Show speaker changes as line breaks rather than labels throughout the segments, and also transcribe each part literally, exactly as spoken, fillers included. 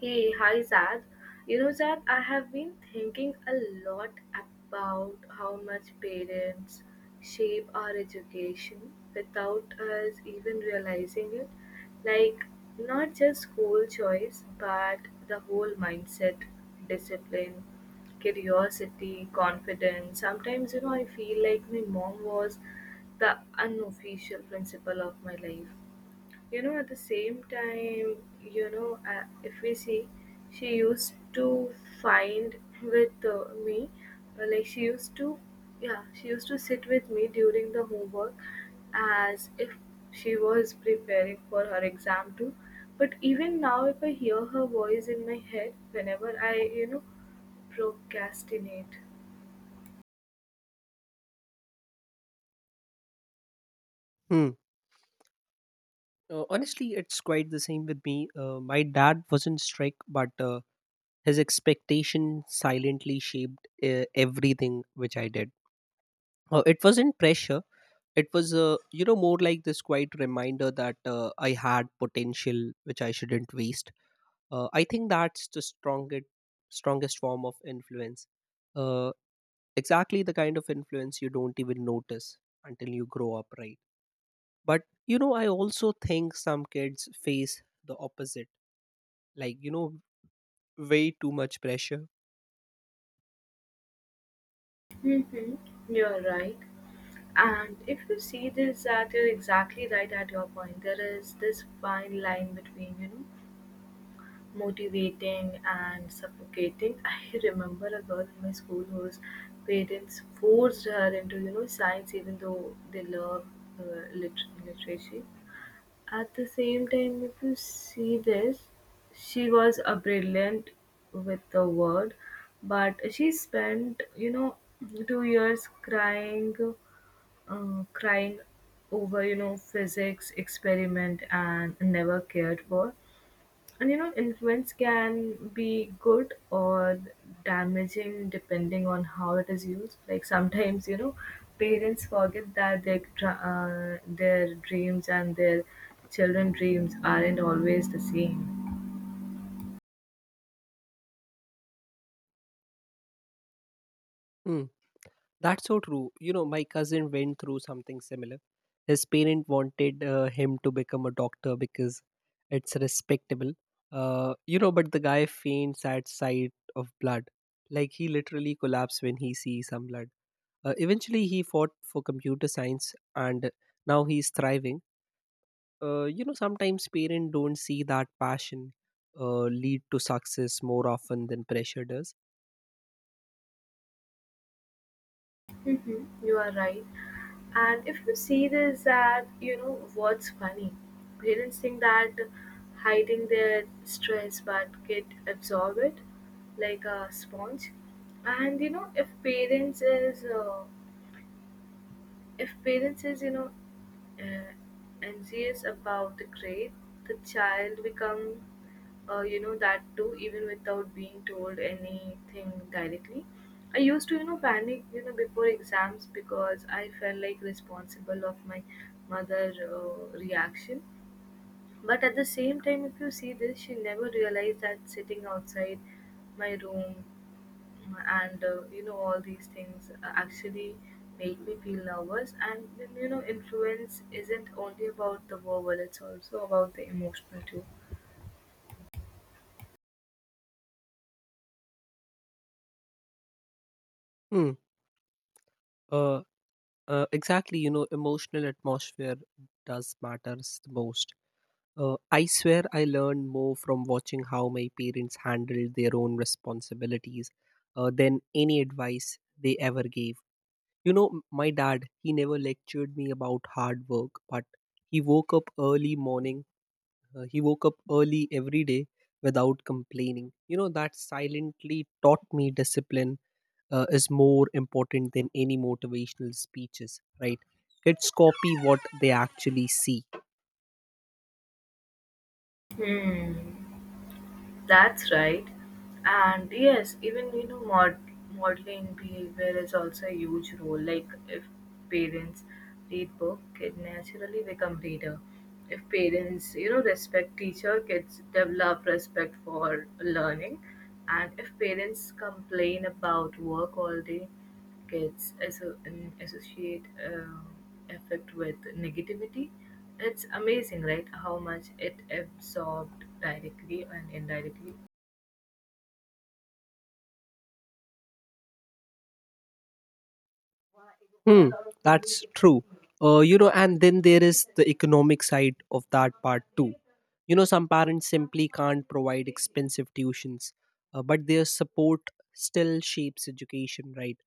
Hey, hi Zad. You know, Zad, I have been thinking a lot about how much parents shape our education without us even realizing it. Like, not just school choice, but the whole mindset, discipline, curiosity, confidence. Sometimes, you know, I feel like my mom was the unofficial principal of my life you know at the same time you know uh, if we see she used to find with uh, me uh, like she used to yeah she used to sit with me during the homework as if she was preparing for her exam too. But even now if I hear her voice in my head whenever i you know procrastinate.
Hmm. Uh, honestly, it's quite the same with me. Uh, my dad wasn't strict, but uh, his expectation silently shaped uh, everything which I did. Uh, it wasn't pressure. It was, uh, you know, more like this quiet reminder that uh, I had potential which I shouldn't waste. Uh, I think that's the strongest, strongest form of influence. Uh, exactly the kind of influence you don't even notice until you grow up, right? But you know, I also think some kids face the opposite, like, you know, way too much pressure.
Mm-hmm. You're right. And if you see this, that you're exactly right at your point. There is this fine line between, you know, motivating and suffocating. I remember a girl in my school whose parents forced her into, you know, science even though they love uh, lit- literacy. At the same time, if you see this, she was a brilliant with the word, but she spent, you know, two years crying, uh, crying over you know physics experiment and never cared for. And you know influence can be good or damaging depending on how it is used. Like sometimes you know parents forget that their dr- uh, their dreams and their children dreams aren't always the same.
Mm, that's so true. You know, my cousin went through something similar. His parent wanted uh, him to become a doctor because it's respectable. Uh, you know, but the guy faints at sight of blood. Like, he literally collapsed when he sees some blood. Uh, eventually, he fought for computer science and now he's thriving. Uh, you know, sometimes parents don't see that passion uh, lead to success more often than pressure does.
Hmm, you are right. And if you see this, that you know what's funny, parents think that hiding their stress, but kid absorb it like a sponge. And you know if parents is uh, if parents is you know uh, anxious about the grade, the child become, uh, you know that too even without being told anything directly. I used to you know panic you know before exams because I felt like responsible of my mother uh, reaction. But at the same time, if you see this, she never realized that sitting outside my room and uh, you know all these things uh, actually make me feel nervous. And then you know, influence isn't only about the verbal; it's also about the emotional too.
Hmm. uh, uh, exactly, you know, emotional atmosphere does matters the most. uh, I swear I learned more from watching how my parents handled their own responsibilities uh, than any advice they ever gave. You know, m- my dad, he never lectured me about hard work, but he woke up early morning. Uh, he woke up early every day without complaining. You know, that silently taught me discipline uh, is more important than any motivational speeches, right? Kids copy what they actually see.
Hmm. That's right. And yes, even you know, mod- modeling behavior is also a huge role. Like if parents read book, kid naturally become reader. If parents, you know, respect teacher, kids develop respect for learning. And if parents complain about work all day, gets asso- um, associate um, effect with negativity. It's amazing, right? How much it absorbed directly and indirectly.
Hmm, that's true. Uh, you know, and then there is the economic side of that part too. You know, some parents simply can't provide expensive tuitions, uh, but their support still shapes education, right?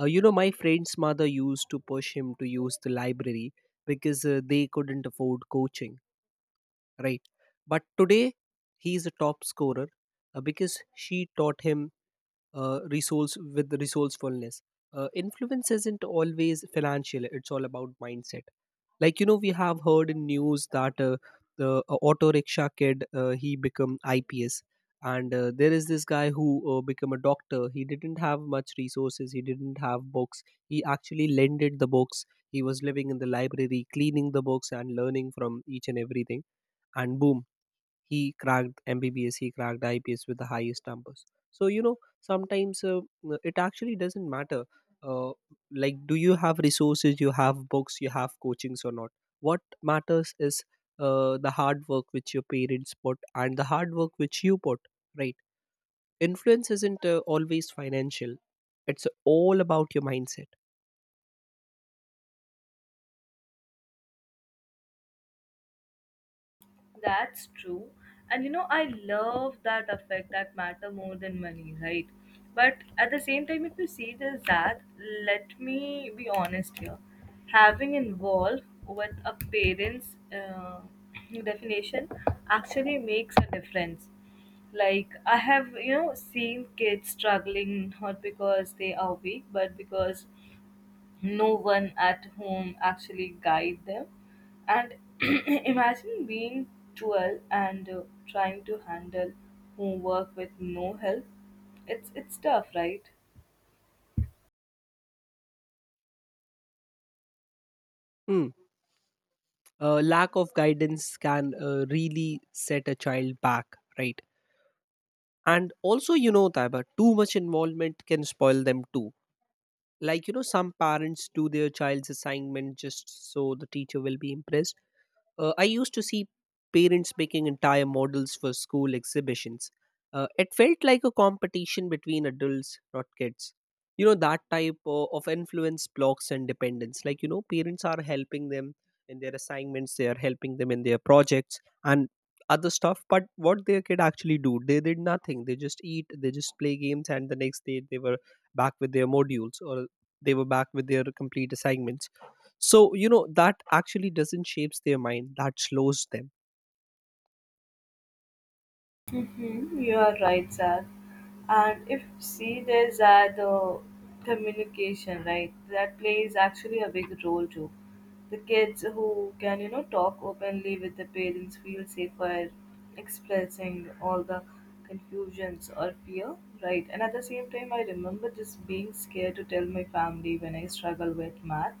Uh, you know, my friend's mother used to push him to use the library because uh, they couldn't afford coaching, right? But today, he's a top scorer uh, because she taught him uh, resource with resourcefulness. Uh, influence isn't always financial; it's all about mindset. Like, you know, we have heard in news that uh, the uh, auto rickshaw kid uh, he become I P S, and uh, there is this guy who uh, become a doctor. He didn't have much resources. He didn't have books. He actually lended the books. He was living in the library, cleaning the books and learning from each and everything. And boom, he cracked M B B S, he cracked I P S with the highest numbers. So, you know, sometimes uh, uh, it actually doesn't matter, uh, like, do you have resources, you have books, you have coachings or not. What matters is uh, the hard work which your parents put and the hard work which you put, right? Influence isn't uh, always financial, it's all about your mindset.
That's true. And you know, I love that effect that matter more than money, right? But at the same time, if you see it as that, let me be honest here. Having involved with a parent's uh, definition actually makes a difference. Like, I have, you know, seen kids struggling not because they are weak, but because no one at home actually guide them. And imagine being twelve and uh, trying to handle homework with no help. It's it's tough, right?
Hmm. Uh, lack of guidance can uh, really set a child back, right? And also, you know, Taiba, too much involvement can spoil them too. Like, you know, some parents do their child's assignment just so the teacher will be impressed. uh, I used to see parents making entire models for school exhibitions. Uh, it felt like a competition between adults, not kids. You know, that type o- of influence blocks and dependence. Like, you know, parents are helping them in their assignments, they are helping them in their projects and other stuff. But what their kid actually do? They did nothing. They just eat, they just play games, and the next day they were back with their modules or they were back with their complete assignments. So, you know, that actually doesn't shapes their mind, that slows them.
Mm-hmm, you are right, Zach. And if see, there's that uh, communication, right? That plays actually a big role too. The kids who can, you know, talk openly with the parents feel safer expressing all the confusions or fear, right? And at the same time, I remember just being scared to tell my family when I struggle with math.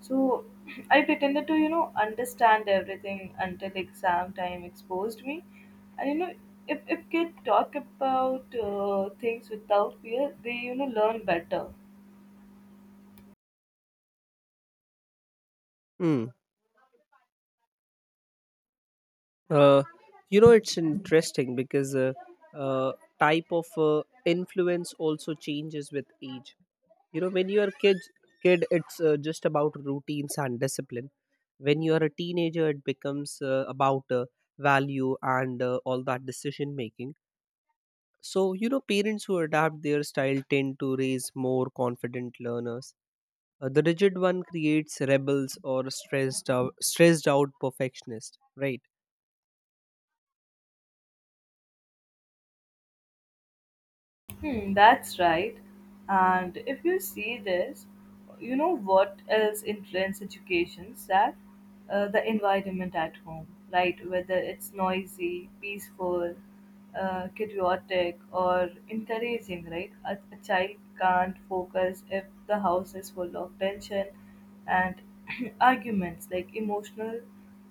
So I pretended to, you know, understand everything until exam time exposed me. And you know, if if kids talk about uh, things without fear, they you know learn better.
Hmm. Uh, you know, it's interesting because uh, uh, type of uh, influence also changes with age. You know, when you are kid, kid, it's uh, just about routines and discipline. When you are a teenager, it becomes uh, about uh, value and uh, all that decision making. So, you know, parents who adapt their style tend to raise more confident learners. Uh, the rigid one creates rebels or stressed out, stressed out perfectionists, right?
Hmm, that's right. And if you see this, you know what else influences education, that uh, the environment at home, right? Whether it's noisy, peaceful, uh, chaotic, or encouraging, right? A, a child can't focus if the house is full of tension and arguments. Like emotional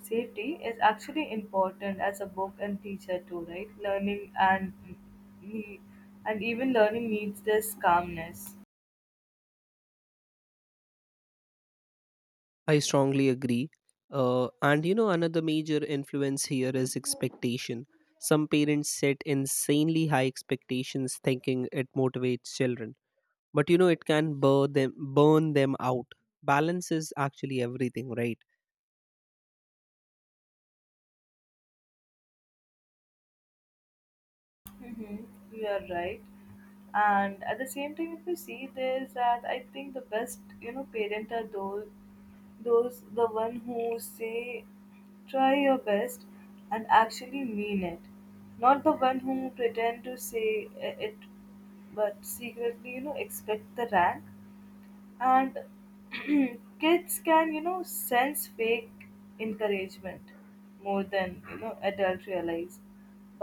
safety is actually important as a book and teacher too, right? Learning and he, and even learning needs this calmness.
I strongly agree. Uh, and you know, another major influence here is expectation. Some parents set insanely high expectations, thinking it motivates children, but you know, it can burn them, burn them out. Balance is actually everything, right?
Mm-hmm. You're right. And at the same time, if you see this, that I think the best, you know, parent are those, those the one who say, try your best, and actually mean it, not the one who pretend to say i- it, but secretly, you know, expect the rank. And kids can you know sense fake encouragement more than you know adults realize.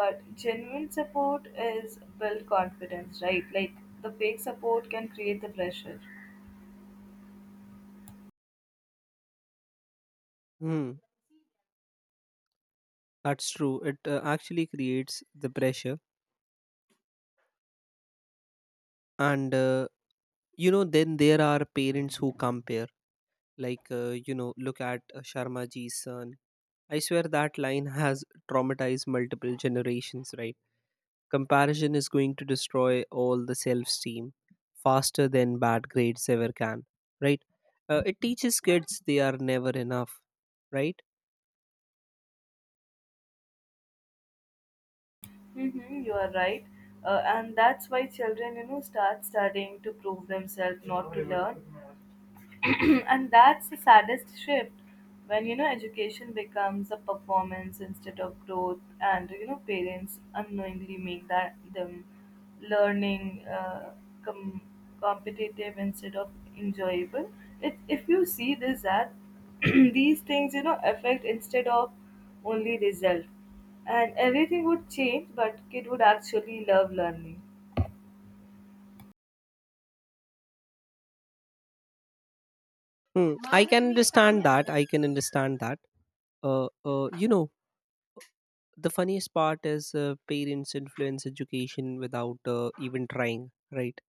But genuine support is build confidence, right? Like the fake support can create the pressure.
Hmm, that's true. It uh, actually creates the pressure, and uh, you know, then there are parents who compare. Like, uh, you know, look at uh, Sharma ji's son. I swear that line has traumatized multiple generations, right? Comparison is going to destroy all the self esteem faster than bad grades ever can, right? Uh, it teaches kids they are never enough, right?
Mm-hmm, you are right. Uh, and that's why children, you know, start studying to prove themselves, not to learn. And that's the saddest shift when, you know, education becomes a performance instead of growth. And, you know, parents unknowingly make that them learning uh, com- competitive instead of enjoyable. It, if you see this, that these things, you know, affect instead of only result, and everything would change but kid would actually love learning.
Hmm. I can understand that. I can understand that. Uh, uh, you know, the funniest part is uh, parents influence education without uh, even trying, right?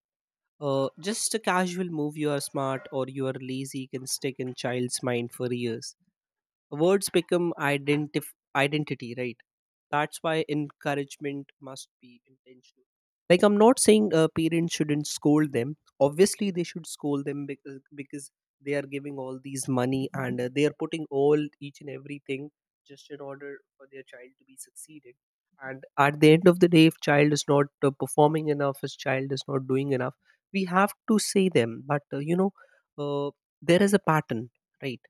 Uh, just a casual move, you are smart or you are lazy, can stick in child's mind for years. Words become identif- identity, right? That's why encouragement must be intentional. Like, I'm not saying uh, parents shouldn't scold them, obviously they should scold them, because, because they are giving all these money and uh, they are putting all each and everything just in order for their child to be succeeded. And at the end of the day, if child is not uh, performing enough, if child is not doing enough, we have to say them. But uh, you know, uh, there is a pattern, right?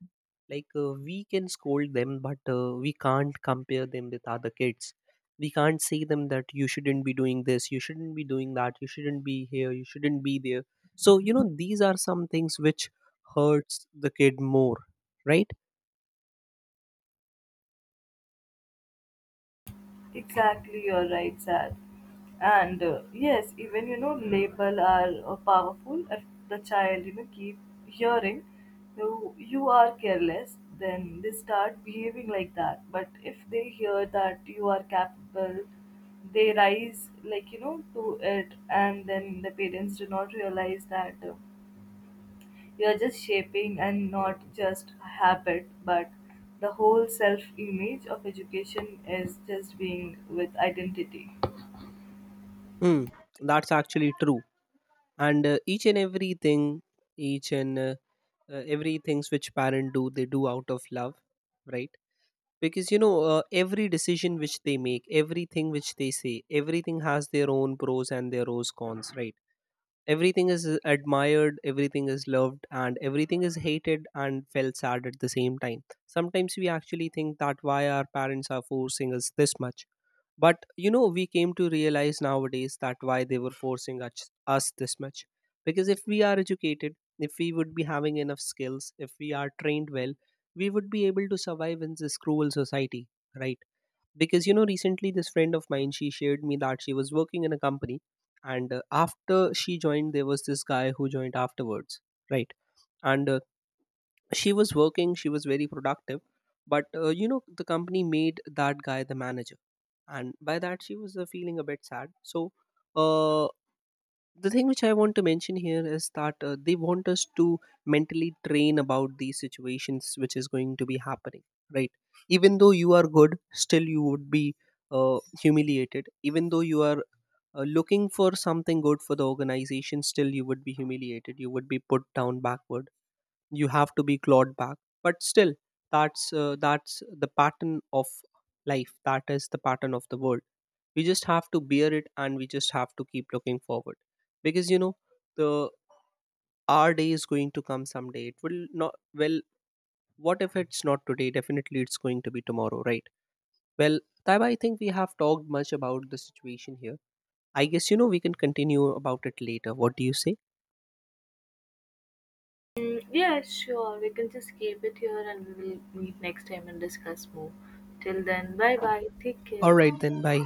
Like, uh, we can scold them, but uh, we can't compare them with other kids. We can't say them that you shouldn't be doing this, you shouldn't be doing that, you shouldn't be here, you shouldn't be there. So, you know, these are some things which hurts the kid more, right?
Exactly, you're right, Sad. And uh, yes, even you know label are uh, powerful. If the child you know keep hearing you you are careless, then they start behaving like that. But if they hear that you are capable, they rise like you know to it. And then the parents do not realize that uh, you're just shaping and not just a habit, but the whole self image of education is just being with identity.
Hmm, that's actually true. And uh, each and everything, each and uh, uh, everything's which parent do, they do out of love, right? Because you know, uh, every decision which they make, everything which they say, everything has their own pros and their own cons, right? Everything is uh, admired, everything is loved, and everything is hated and felt sad at the same time. Sometimes we actually think that why our parents are forcing us this much. But you know, we came to realize nowadays that why they were forcing us, us this much. Because if we are educated, if we would be having enough skills, if we are trained well, we would be able to survive in this cruel society, right? Because you know, recently this friend of mine, she shared me that she was working in a company, and uh, after she joined, there was this guy who joined afterwards, right? And uh, she was working, she was very productive, but uh, you know, the company made that guy the manager, and by that she was uh, feeling a bit sad. So uh, the thing which I want to mention here is that uh, they want us to mentally train about these situations which is going to be happening, right? Even though you are good, still you would be uh, humiliated. Even though you are uh, looking for something good for the organization, still you would be humiliated, you would be put down backward, you have to be clawed back. But still, that's uh, that's the pattern of life, that is the pattern of the world. We just have to bear it and we just have to keep looking forward. Because you know, the our day is going to come someday. It will not. Well, what if it's not today, definitely it's going to be tomorrow, right? Well, Taiba, I think we have talked much about the situation here. I guess you know we can continue about it later. What do you say?
Mm, yeah, sure. We can just keep it here and we will meet next time and discuss more. Till then, bye bye. Take
All
care.
right then, bye.